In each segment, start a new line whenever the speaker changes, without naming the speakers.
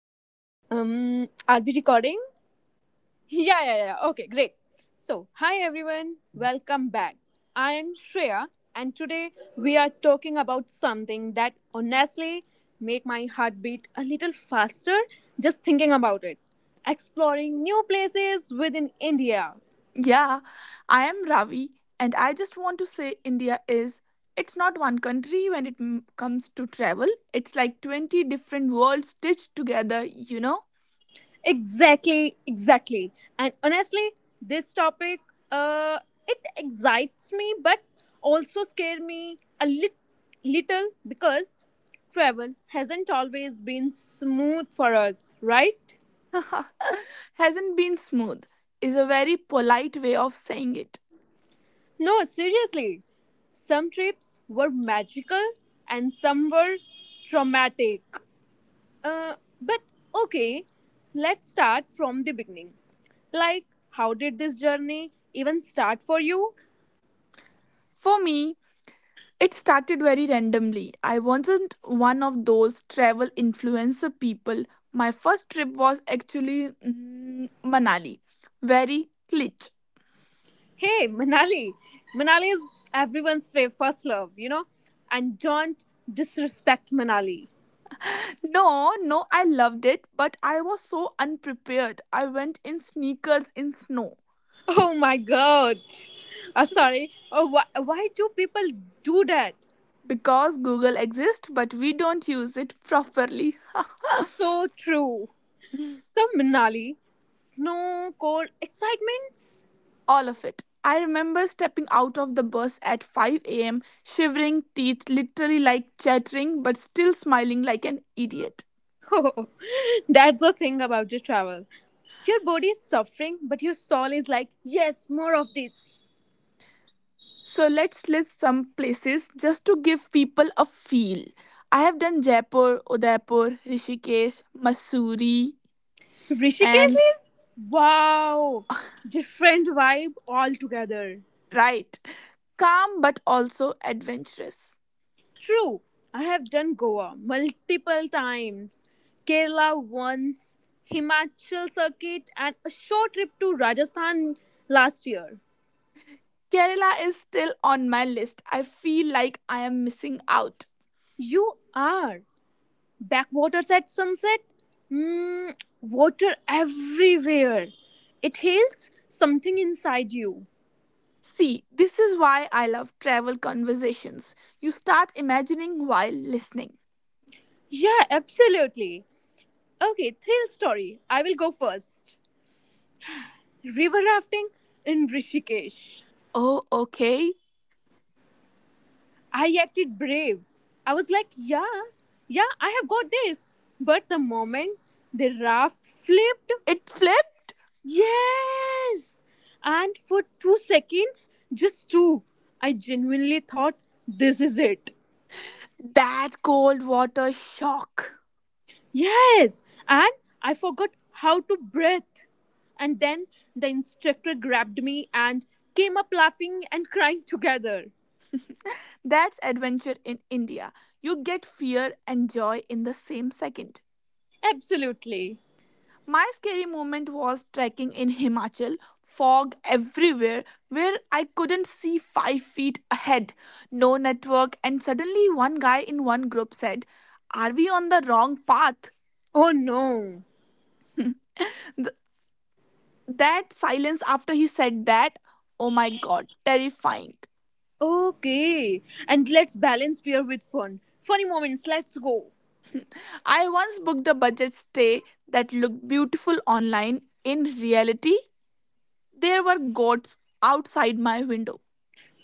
Okay. Are we recording? Yeah, yeah, yeah. Okay, great. So, hi everyone. Welcome back. I am Shreya, and today we are talking about something that honestly make my heart beat a little faster just thinking about it. Exploring new places within India.
Yeah, I am Ravi, and I just want to say India is it's not one country when it comes to travel. It's like 20 different worlds stitched together, you know?
Exactly, exactly. And honestly, this topic uh it excites me but also scare me a little because travel hasn't always been smooth for us, right?
Hasn't been smooth is a very polite way of saying it.
No, seriously. Some trips were magical and some were traumatic. Uh, but okay, let's start from the beginning. Like, how did this journey even start for you?
For me, it started very randomly. I wasn't one of those travel influencer people. My first trip was actually Manali. Very cliché.
Hey, Manali. Manali is everyone's first love, you know? And don't disrespect Manali.
No, no, I loved it, but I was so unprepared. I went in sneakers in snow
Oh my god. Sorry. Oh, why do people do that?
because Google exists, but we don't use it properly.
So true. So, Manali, snow, cold, excitements?
All of it. I remember stepping out of the bus at 5 a.m., shivering, teeth literally like chattering, but still smiling like an idiot.
Oh, that's the thing about your travel. Your body is suffering, but your soul is like, yes, more of this.
So let's list some places just to give people a feel. I have done Jaipur, Udaipur, Rishikesh, Mussoorie,
Rishikesh
and
is wow, different vibe altogether.
right. Calm but also adventurous.
True, I have done Goa multiple times, Kerala once, Himachal circuit, and a short trip to Rajasthan last year.
Kerala is still on my list. I feel like I am missing out.
You are backwaters at sunset. Mm, Water everywhere. It heals something inside you.
See, this is why I love travel conversations. You start imagining while listening.
Yeah, absolutely. Okay, thrill story. I will go first. River rafting in Rishikesh.
Oh, okay.
I acted brave. I was like, yeah, yeah, I have got this. But the moment the raft flipped,
It flipped?
yes! And for 2 seconds, just two, I genuinely thought, this is it.
That cold water shock.
Yes! And I forgot how to breathe. And then the instructor grabbed me and came up laughing and crying together.
That's adventure in India. You get fear and joy in the same second.
Absolutely.
My scary moment was trekking in Himachal, fog everywhere, where I couldn't see 5 feet ahead, no network, and suddenly one guy in one group said, are we on the wrong path?
Oh no.
Th- that silence after he said that, oh my god, terrifying.
Okay. And let's balance fear with fun. Funny moments, let's go.
I once booked a budget stay that looked beautiful online. In reality, there were goats outside my window.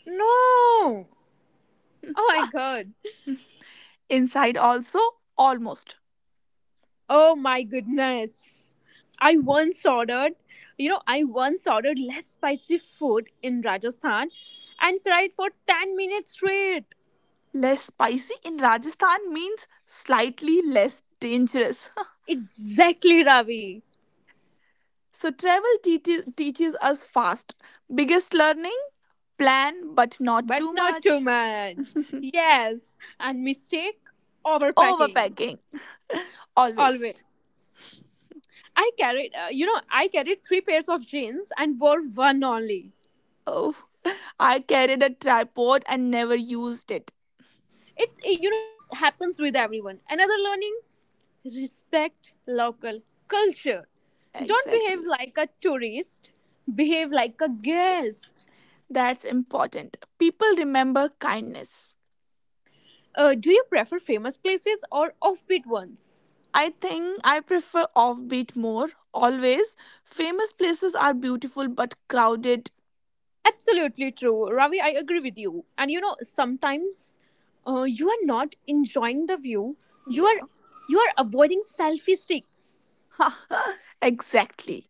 No! Oh my god.
Inside, also, almost.
Oh my goodness. I once ordered, I once ordered less spicy food in Rajasthan and cried for 10 minutes straight.
Less spicy in Rajasthan means slightly less dangerous.
Exactly, Ravi.
So travel teaches us fast. Biggest learning: plan, but not too
But not too
much.
much. Yes, and mistake overpacking.
Overpacking always.
Always. I carried three pairs of jeans and wore one only.
Oh, I carried a tripod and never used it.
It's you know it happens with everyone. Another learning, respect local culture. Don't behave
Exactly.
like a tourist, behave like a
Yes.
guest.
That's important. People remember kindness.
Do you prefer famous places or offbeat ones?
I think I prefer offbeat more. Always, famous places are beautiful but crowded.
Absolutely true, Ravi. I agree with you. And sometimes you are not enjoying the view. You are
Yeah.
avoiding selfie sticks.
Exactly.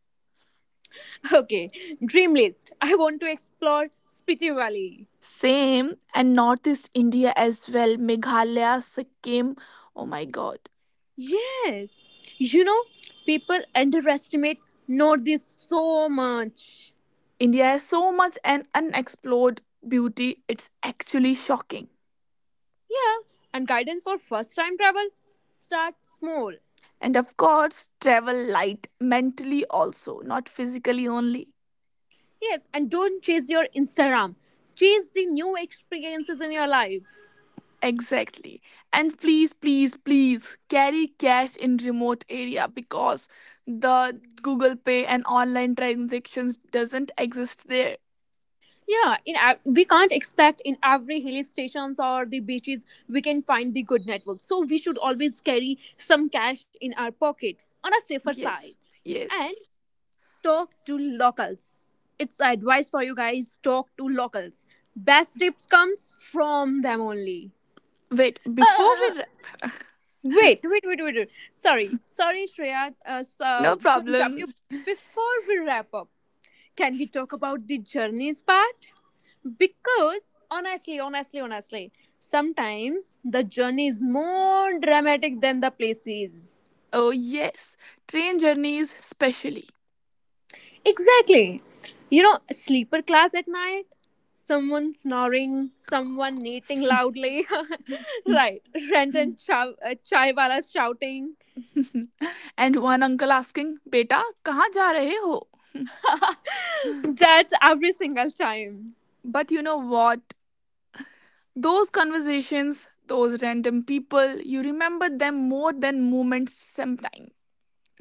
Okay, dream list. I want to explore Spiti Valley.
Same, and Northeast India as well. Meghalaya, Sikkim. Oh my god.
Yes. You know, people underestimate Northeast so much.
India has so much and unexplored beauty, it's actually shocking.
Yeah. And guidance for first time travel? Start small.
And of course, travel light mentally also, not physically only.
Yes. And don't chase your Instagram. Chase the new experiences in your life.
Exactly. And please, please, please carry cash in remote area because the Google Pay and online transactions doesn't exist there.
Yeah, we can't expect in every hill stations or the beaches we can find the good network. So we should always carry some cash in our pocket on a safer side.
Yes. Yes.
And talk to locals. It's advice for you guys, talk to locals. Best tips comes from them only.
Wait,
Uh,
before
uh, uh,
we wrap,
Wait, wait, wait, wait, wait. Sorry, sorry, Shreya,
no
to interrupt
problem.
you. Before we wrap up, can we talk about the journeys part? Because honestly, honestly, honestly, sometimes the journey is more dramatic than the places.
Oh, yes, train journeys specially.
Exactly. You know, sleeper class at night, someone snoring, someone knitting loudly, right? Chai walas shouting.
And one uncle asking, beta, kahan ja rahe ho?
That every single time.
But you know what? Those conversations, those random people, you remember them more than moments sometimes.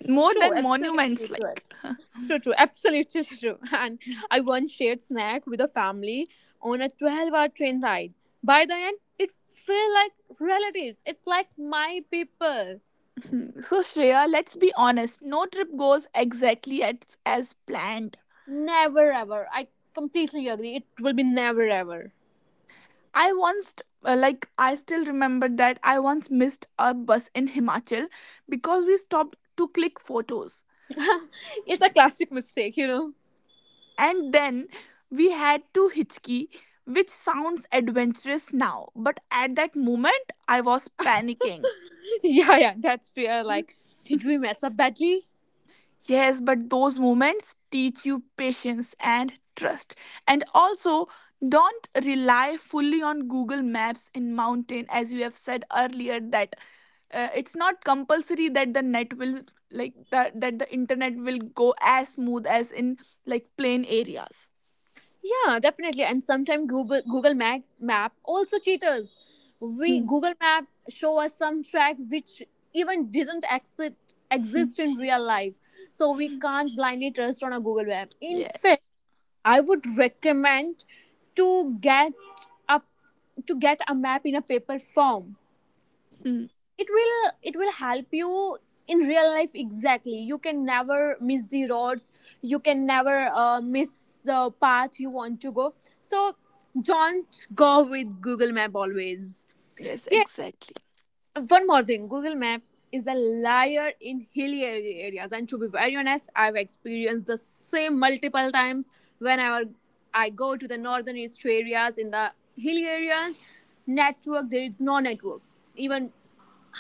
More
True,
than
absolutely
monuments,
correct.
like.
True, true, absolutely true. And I once shared snack with a family on a 12-hour train ride. By the end, it felt like relatives. It's like my people.
Hmm. So, Shreya, let's be honest. No trip goes exactly as planned.
Never ever. I completely agree. It will be never ever.
I once, like, I still remember that I once missed a bus in Himachal because we stopped to click photos.
It's a classic mistake, you know.
And then we had to hitchkey, which sounds adventurous now, but at that moment I was panicking.
Yeah, yeah, that's fair. Like, did we mess up badly?
Yes, but those moments teach you patience and trust. And also, don't rely fully on Google Maps in mountain as you have said earlier that it's not compulsory that the net will like that the internet will go as smooth as in like plain areas.
Yeah, definitely. And sometimes Google Map also cheaters. We
Hmm,
Google Map show us some track which even didn't exist
hmm,
exist in real life. So we
hmm.
can't blindly trust on a Google Map. In
Yes.
fact, I would recommend to get up to get a map in a paper form.
Hmm.
It will help you in real life. Exactly, you can never miss the roads, you can never miss the path you want to go. So don't go with Google Map always.
Yes,
Yeah,
exactly.
one more thing. Google Map is a liar in hilly areas, and to be very honest, I've experienced the same multiple times. Whenever I go to the northern east areas, in the hilly areas, network, there is no network. Even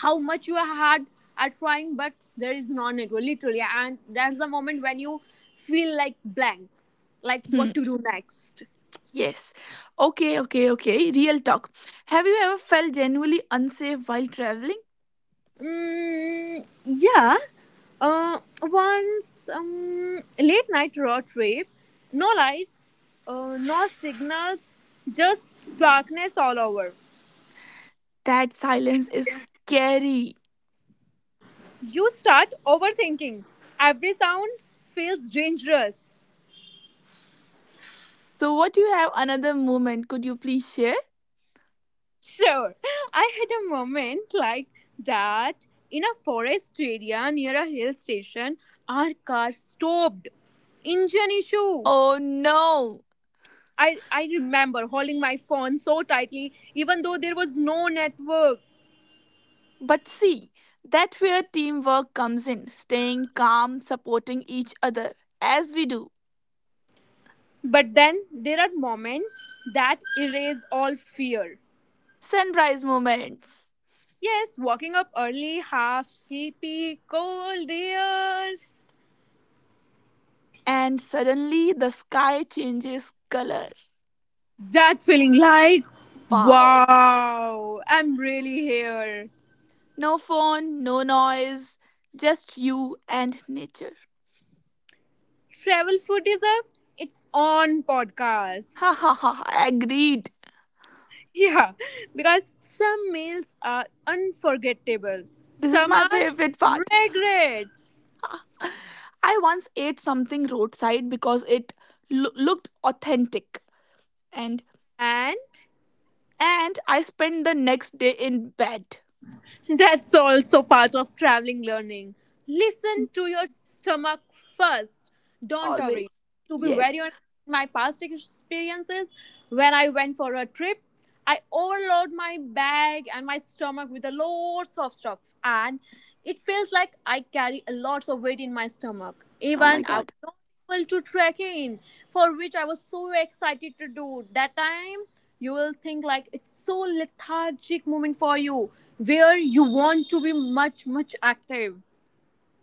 how much you are hard at trying, but there is no network literally. And that's the moment when you feel like blank, like
Hmm.
what to do next.
Yes. Okay, okay, okay. Real talk. Have you ever felt genuinely unsafe while traveling?
Mm, yeah. Once late night road trip, no lights, no signals, just darkness all over.
That silence is scary.
You start overthinking, every sound feels dangerous.
So, what you have another moment? Could you please share?
Sure, I had a moment like that in a forest area near a hill station. Our car stopped. Engine issue.
Oh no!
I remember holding my phone so tightly, even though there was no network.
But see, that's where teamwork comes in staying calm, supporting each other as we do.
But then there are moments that erase all fear.
Sunrise moments.
Yes, walking up early, half sleepy, cold ears.
And suddenly the sky changes color.
That feeling like,
Wow.
wow, I'm really here.
No phone, no noise, just you and nature.
Travel food deserve its own
Ha
podcast.
ha ha, agreed.
Yeah, because some meals are unforgettable,
This is
some
my
are
favorite part.
regrets,
I once ate something roadside because it looked authentic and
and
and I spent the next day in bed.
that's also part of traveling learning.
Hmm.
Listen to your stomach first. Don't
Always.
worry. To be very
Yes.
honest, my past experiences, when I went for a trip, I overload my bag and my stomach with a lots of stuff, and it feels like I carry a lot of weight in my stomach.
Oh my
Even I was
god.
not able to trek in, for which I was so excited to do that time. You will think like it's so lethargic moment for you, where you want to be much much active.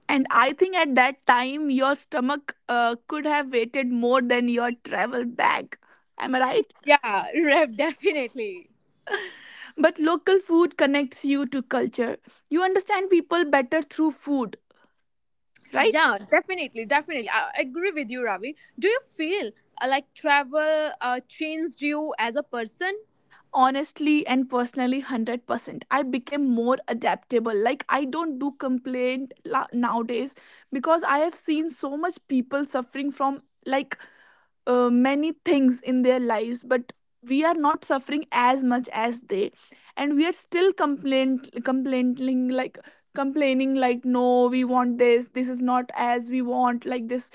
And I think at that time your stomach could have waited more than your travel bag. Am I right?
Yeah Rev, definitely.
But local food connects you to culture. You understand people better through food, right?
Yeah, definitely, definitely. I agree with you Ravi. Do you feel like travel changed you as a person?
Honestly and personally, 100% I became more adaptable. Like, I don't do nowadays because I have seen so much people suffering from like many things in their lives, but we are not suffering as much as they, and we are still complaining like complaining like no, we want this, this is not as we want like this.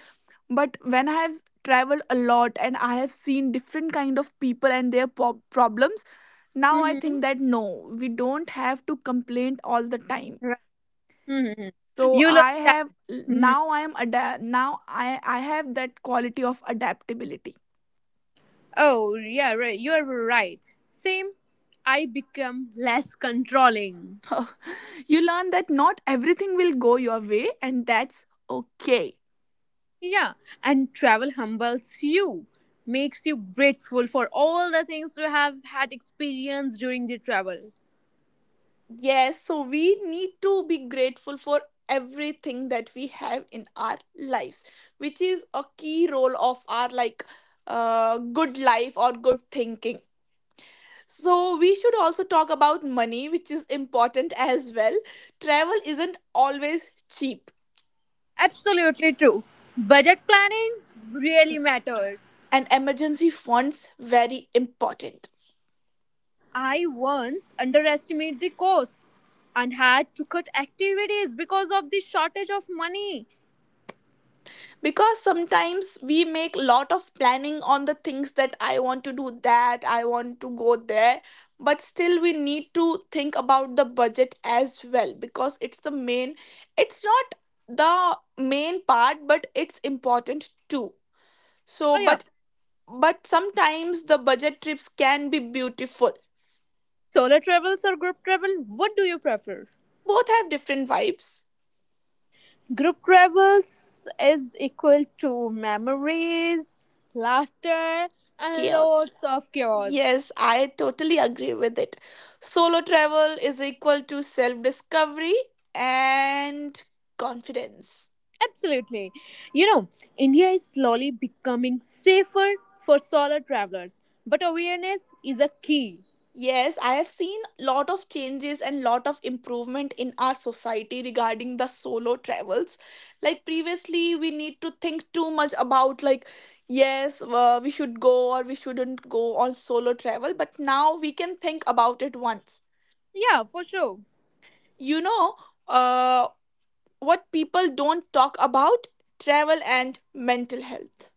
But when I have traveled a lot, and I have seen different kind of people and their problems, now I
Mm-hmm.
think that no, we don't have to complain all the time.
Right. mm-hmm.
So
You
I
learned that.
have,
Mhm.
now I have that quality of adaptability.
Oh yeah, right, you are right. Same. I become less controlling.
You learn that not everything will go your way, and that's okay.
Yeah, and travel humbles you, makes you grateful for all the things you have had experienced during the travel.
Yes, so we need to be grateful for everything that we have in our lives, which is a key role of our like good life or good thinking. So we should also talk about money, which is important as well. Travel isn't always cheap,
Absolutely true. Budget planning really matters.
and emergency funds very important.
I once underestimated the costs and had to cut activities because of the shortage of money.
Because sometimes we make lot of planning on the things that I want to do, that I want to go there, but still we need to think about the budget as well, because it's the main, it's not the main part, but it's important too. so
Oh, yeah.
but but sometimes the budget trips can be beautiful.
Solo travels or group travel? What do you prefer?
Both have different vibes.
Group travels is equal to memories, laughter, and
Chaos.
lots of chaos.
Yes, I totally agree with it. Solo travel is equal to self discovery and confidence.
Absolutely. You know, India is slowly becoming safer for solo travelers, but awareness is a key.
Yes, I have seen lot of changes and lot of improvement in our society regarding the solo travels. Like previously, we need to think too much about like yes, we should go or we shouldn't go on solo travel, but now we can think about it once.
Yeah, for sure.
You know, uh, what people don't talk about: travel and mental health.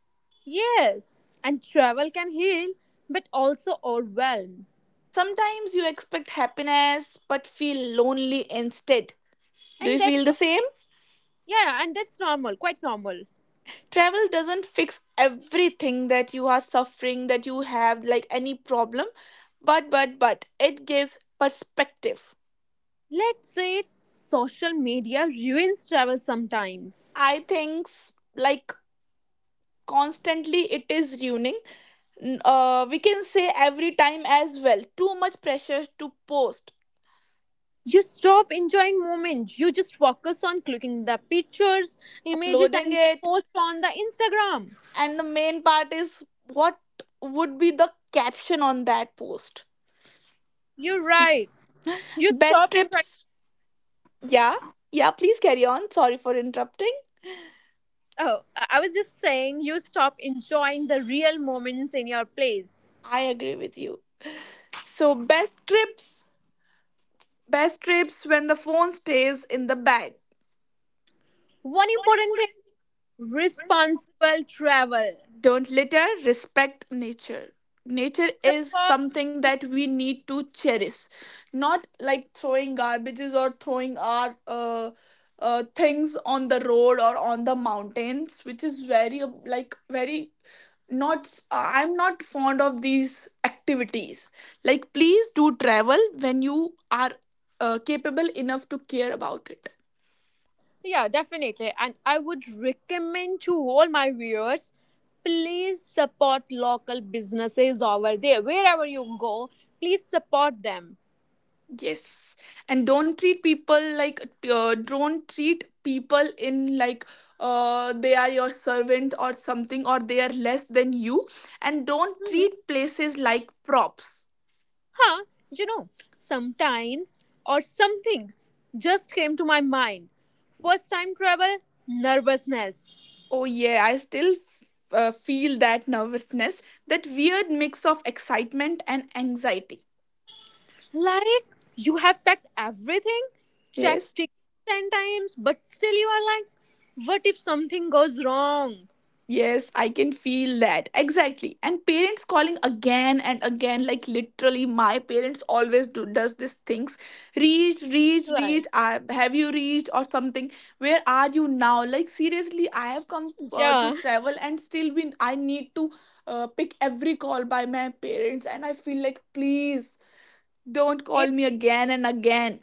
Yes, and travel can heal, but also overwhelm.
Sometimes you expect happiness but feel lonely instead. Do
And
you feel
that's
the
not,
same?
yeah, and that's normal, quite normal.
Travel doesn't fix everything that you are suffering, that you have like any problem, but it gives perspective.
Let's say social media ruins travel sometimes.
I think like constantly it is ruining we can say every time as well, too much pressure to post,
You stop enjoying moment, you just focus on clicking the pictures, images,
uploading
and then
it.
post on the Instagram.
And the main part is, what would be the caption on that post?
You're right. You
Best
stop enjoying.
trips. Yeah. Yeah, please carry on. Sorry for interrupting.
Oh, I was just saying you stop enjoying the real moments in your place.
I agree with you. So, best trips. Best trips when the phone stays in the bag.
One important thing, responsible travel.
Don't litter, respect nature. Nature is
Support.
something that we need to cherish, not like throwing garbages or throwing our things on the road or on the mountains, which is very like very, not, I'm not fond of these activities. Like please do travel when you are capable enough to care about it.
Yeah, definitely, and I would recommend to all my viewers, please support local businesses over there wherever you go. Please support them.
Yes, and don't treat people like don't treat people in like they are your servant or something, or they are less than you, and don't
Mhm.
treat places like props.
Huh, you know, sometimes some things just came to my mind. First time travel, nervousness.
Oh yeah, I still feel that nervousness, that weird mix of excitement and anxiety.
Like, you have packed everything,
Yes.
checked tickets 10 times, but still you are like, what if something goes wrong?
Yes, I can feel that. Exactly. And parents calling again and again, like literally my parents always do does these things. Reached, reached,
Right.
reached. I, have you reached or something? Where are you now? Like seriously, I have come to
Yeah.
travel and still been I need to pick every call by my parents, and I feel like please don't call me again and again.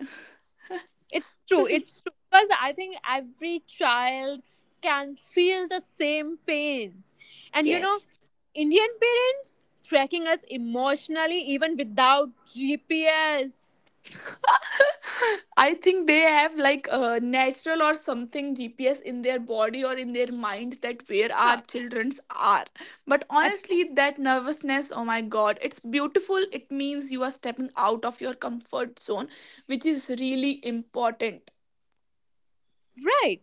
It's true. It's true. Because I think every child can feel the same pain. And you know,
Yes.
Indian parents tracking us emotionally even without GPS.
I think they have like a natural or something GPS in their body or in their mind that where our
Huh.
childrens are. But
abs-
honestly, that nervousness, oh my god, it's beautiful. It means you are stepping out of your comfort zone, which is really important.
Right.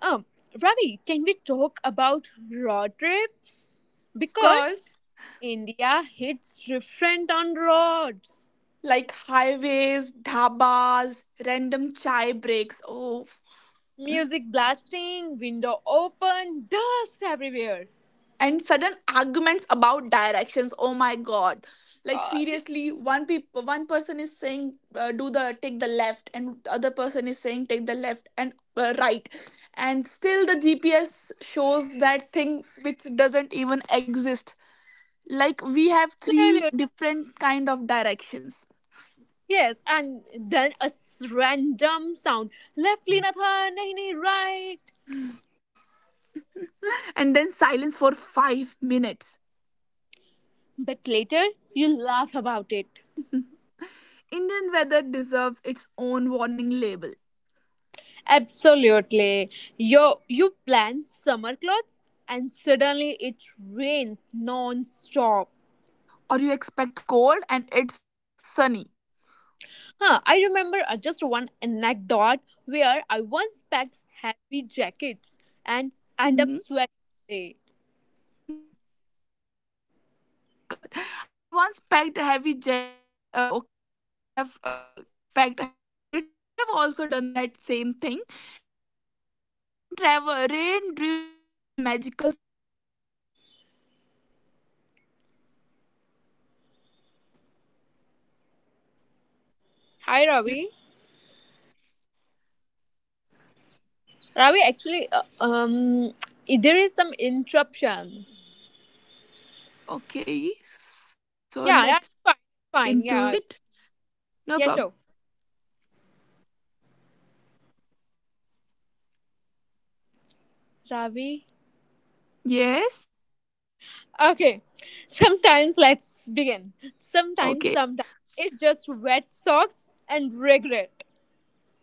Um, Ravi, can we talk about road trips?
Of
Because
course,
India hits different on roads.
like highways, dhabas, random chai breaks. Oh,
Music blasting, window open, dust everywhere.
and sudden arguments about directions, oh my god, like
God.
seriously, one people, one person is saying do the take the left, and the other person is saying take the left and right, and still the GPS shows that thing which doesn't even exist. Like we have three different kind of directions.
Yes, and then a random sound. Left, Linathan, nahi, nahi, right.
And then silence for 5 minutes.
But later, you laugh about it.
Indian weather deserves its own warning label.
Absolutely. You plan summer clothes and suddenly it rains non-stop.
Or you expect cold and it's like sunny.
Huh, I remember just one anecdote where I once packed heavy jackets and end up
Mhm.
sweating all day.
Oh my god. I once packed heavy jackets. Okay, you have packed heavy jackets. I have also done that same thing. And but rain during travel magical sometimes.
Hi,
Do you
Ravi.
agree with me?
Ravi, actually, there is some interruption.
Okay. So
Yeah, yeah, it's
let's
fine, it's
look
fine.
into
Yeah,
it. No
yeah, sure.
problem.
Ravi,
Yes.
okay. Sometimes let's begin. Sometimes,
Okay.
sometimes it's just wet socks and regret.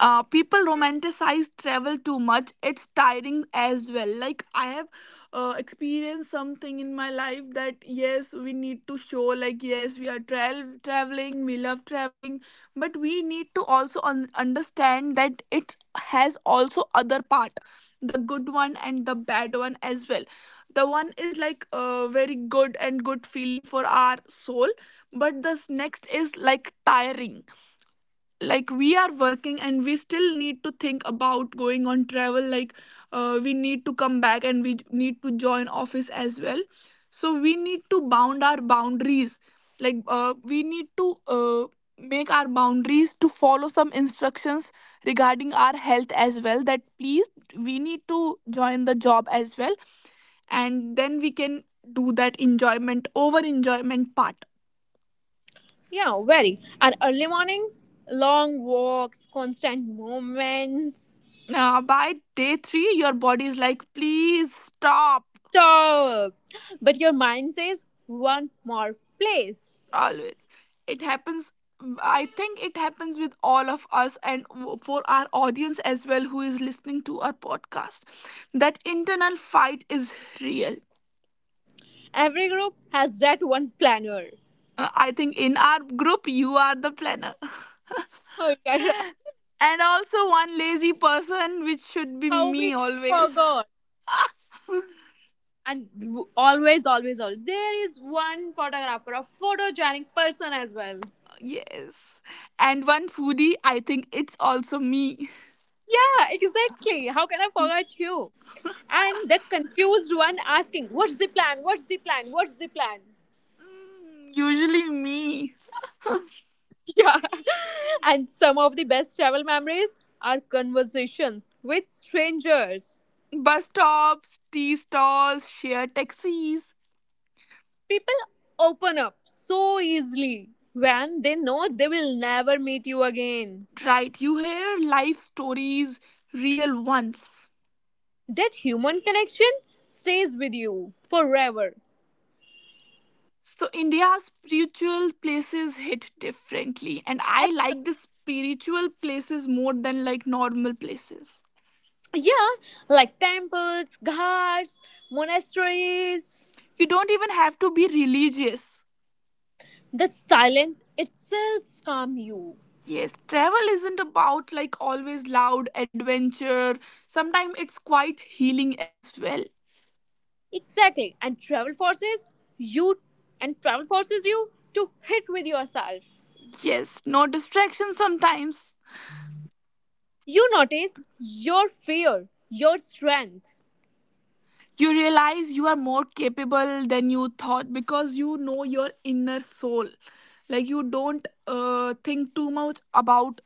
People romanticize travel too much. It's tiring as well. Like I have experienced something in my life that yes, we need to show like yes, we are traveling, we love traveling, but we need to also understand that it has also other part, the good one and the bad one as well. The one is like very good and good feeling for our soul, but this next is like tiring. Like we are working and we still need to think about going on travel. Like we need to come back and we need to join office as well. So we need to bound our boundaries. Like we need to make our boundaries to follow some instructions regarding our health as well, that please, we need to join the job as well. And then we can do that enjoyment over enjoyment part.
Yeah, very. And early mornings, long walks, constant movements.
By day three, your body is like, please stop.
Stop. But your mind says one more place.
Always. It happens. I think it happens with all of us and for our audience as well who is listening to our podcast. That internal fight is real.
Every group has that one planner.
I think in our group, you are the planner.
Oh, yeah, right.
And also one lazy person, which should be
How
me
we can
always.
forget? And always always always there is one photographer, a photogenic person as well.
Yes. And one foodie, I think it's also me.
Yeah, exactly, how can I forget you? And the confused one asking, what's the plan, what's the plan, what's the plan?
Mm, usually me.
Yeah, and some of the best travel memories are conversations with strangers.
Bus stops, tea stalls, share taxis.
People open up so easily when they know they will never meet you again.
Right, you hear life stories, real ones.
That human connection stays with you forever.
So, India's spiritual places hit differently, and I like the spiritual places more than like normal places.
Yeah, like temples, ghats, monasteries.
You don't even have to be religious.
That silence itself calm you.
Yes, travel isn't about like always loud adventure. Sometimes it's quite healing as well.
Exactly. You and travel forces you to hit with yourself.
Yes, no distractions sometimes.
You notice your fear, your strength.
You realize you are more capable than you thought, because you know your inner soul. Like you don't think too much about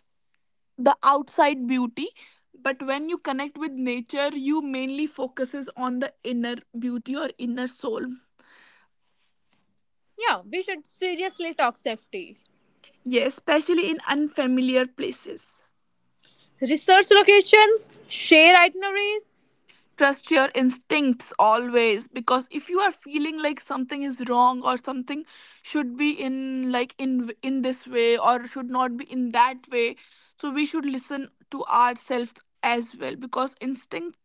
the outside beauty, but when you connect with nature, you mainly focuses on the inner beauty or inner soul.
Yeah, we should seriously talk safety.
Yes, especially in unfamiliar places.
Research locations, share itineraries.
Trust your instincts always, because if you are feeling like something is wrong or something should be in like in this way or should not be in that way, so we should listen to ourselves as well. Because instinct,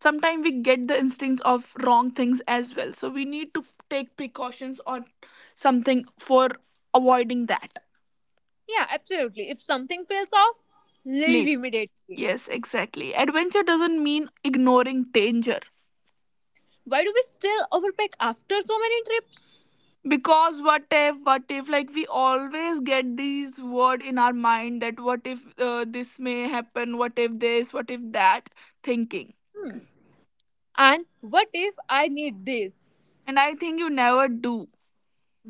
sometimes we get the instincts of wrong things as well, so we need to take precautions or something for avoiding that.
Yeah, absolutely. If something feels off, leave
Leave,
immediately.
yes, exactly. Adventure doesn't mean ignoring danger.
Why do we still overpack after so many trips?
Because what if like we always get these word in our mind, that what if this may happen, what if this, what if that thinking.
And what if I need this?
And I think you never do.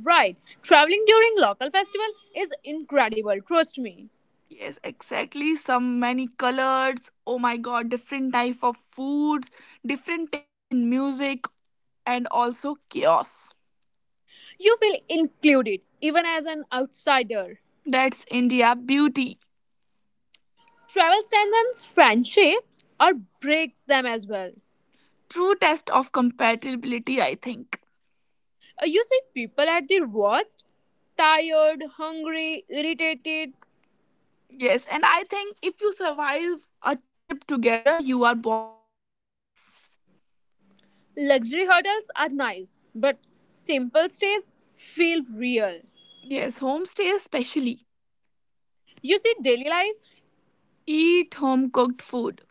Right, traveling during local festival is incredible, trust me.
Yes, exactly. Some many colors, oh my god, different type of foods, different taste in music, and also chaos.
You feel included even as an outsider.
That's India beauty.
Travel strengthens friendships or breaks them as well.
True test of compatibility, I think.
You see people at their worst, tired, hungry, irritated.
Yes, and I think if you survive a trip together, you are bonded for life.
Luxury hotels are nice, but simple stays feel real.
Yes, homestay especially.
You see daily life.
Eat home cooked food.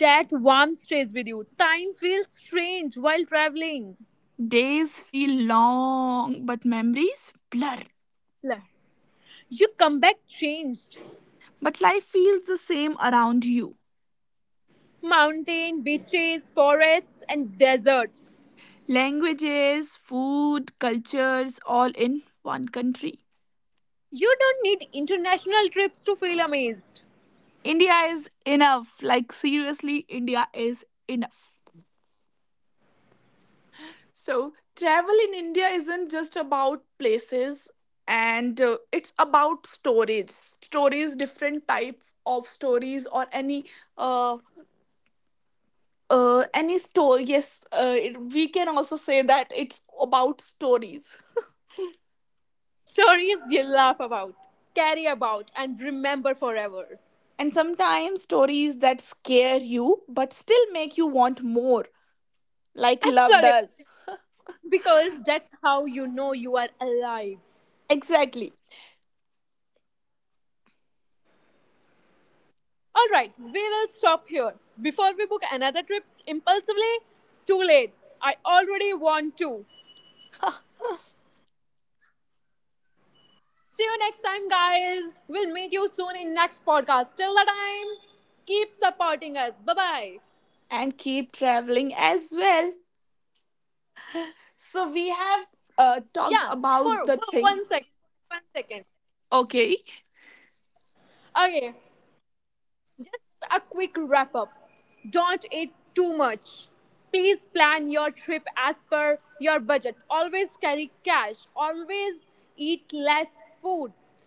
That warmth stays with you. Time feels strange while traveling.
Days feel long, but memories blur.
La- You come back changed.
But life feels the same around you.
Mountain, beaches, forests, and deserts.
Languages, food, cultures, all in one country.
You don't need international trips to feel amazed.
India is enough. Like, seriously, India is enough. So, travel in India isn't just about places, and it's about stories. Stories, different type of stories or uh, any story. Yes, we can also say that it's about stories.
Stories you laugh about, carry about, and remember forever.
And sometimes stories that scare you but still make you want more, like love
Absolutely.
does.
Because that's how you know you are alive.
Exactly.
Alright, we will stop here. Before we book another trip impulsively, too late. I already want to. See you next time, guys. We'll meet you soon in next podcast. Till the time, keep supporting us. Bye bye.
And keep traveling as well. So,
Yeah,
we have
for one second,
talked
one
about the
second.
things. Okay.
Okay, just a quick wrap up. Don't eat too much. Please plan your trip as per your budget. Always carry cash. Always eat less food. Plans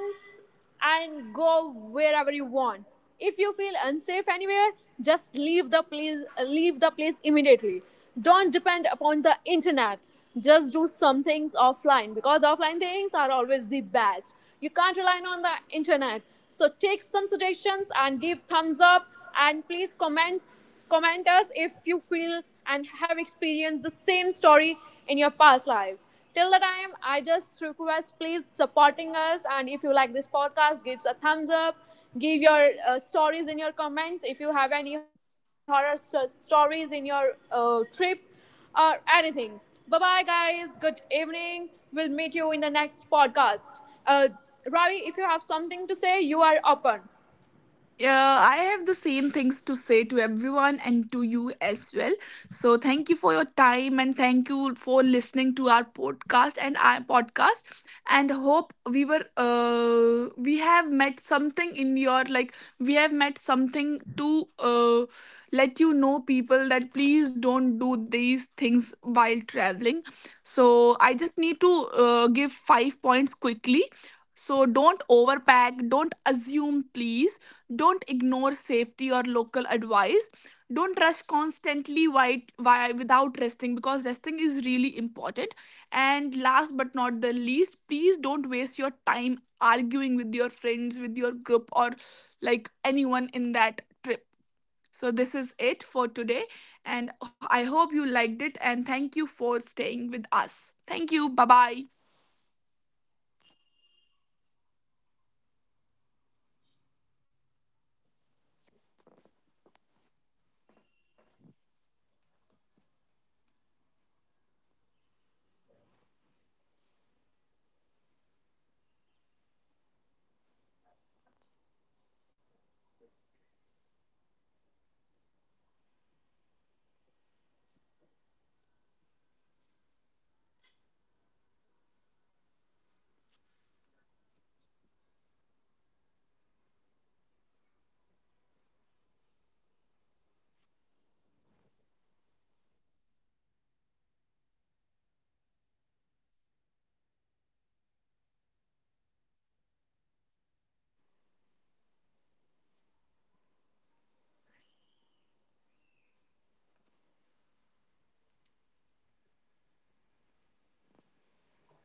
and go wherever you want. If you feel unsafe anywhere, just leave the place, leave the place immediately. Don't depend upon the internet. Just do some things offline because offline things are always the best. You can't rely on the internet. So take some suggestions and give thumbs up and please comment us if you feel and have experienced the same story in your past life. Till the time, I just request please supporting us. And if you like this podcast, give a thumbs up. Give your stories in your comments. If you have any horror stories in your trip or anything. Bye bye, guys. Good evening. We'll meet you in the next podcast. Uh, Ravi, if you have something to say, you are open.
Yeah, I have the same things to say to everyone and to you as well. So thank you for your time, and thank you for listening to our podcast. And hope we were we have met something in your like, we have met something to let you know people that please don't do these things while traveling. So I just need to give five points quickly. So don't overpack, don't assume, please don't ignore safety or local advice, don't rush constantly while why without resting, because resting is really important. And last but not the least, please don't waste your time arguing with your friends, with your group or like anyone in that trip. So this is it for today, and I hope you liked it, and thank you for staying with us. Thank you, bye bye.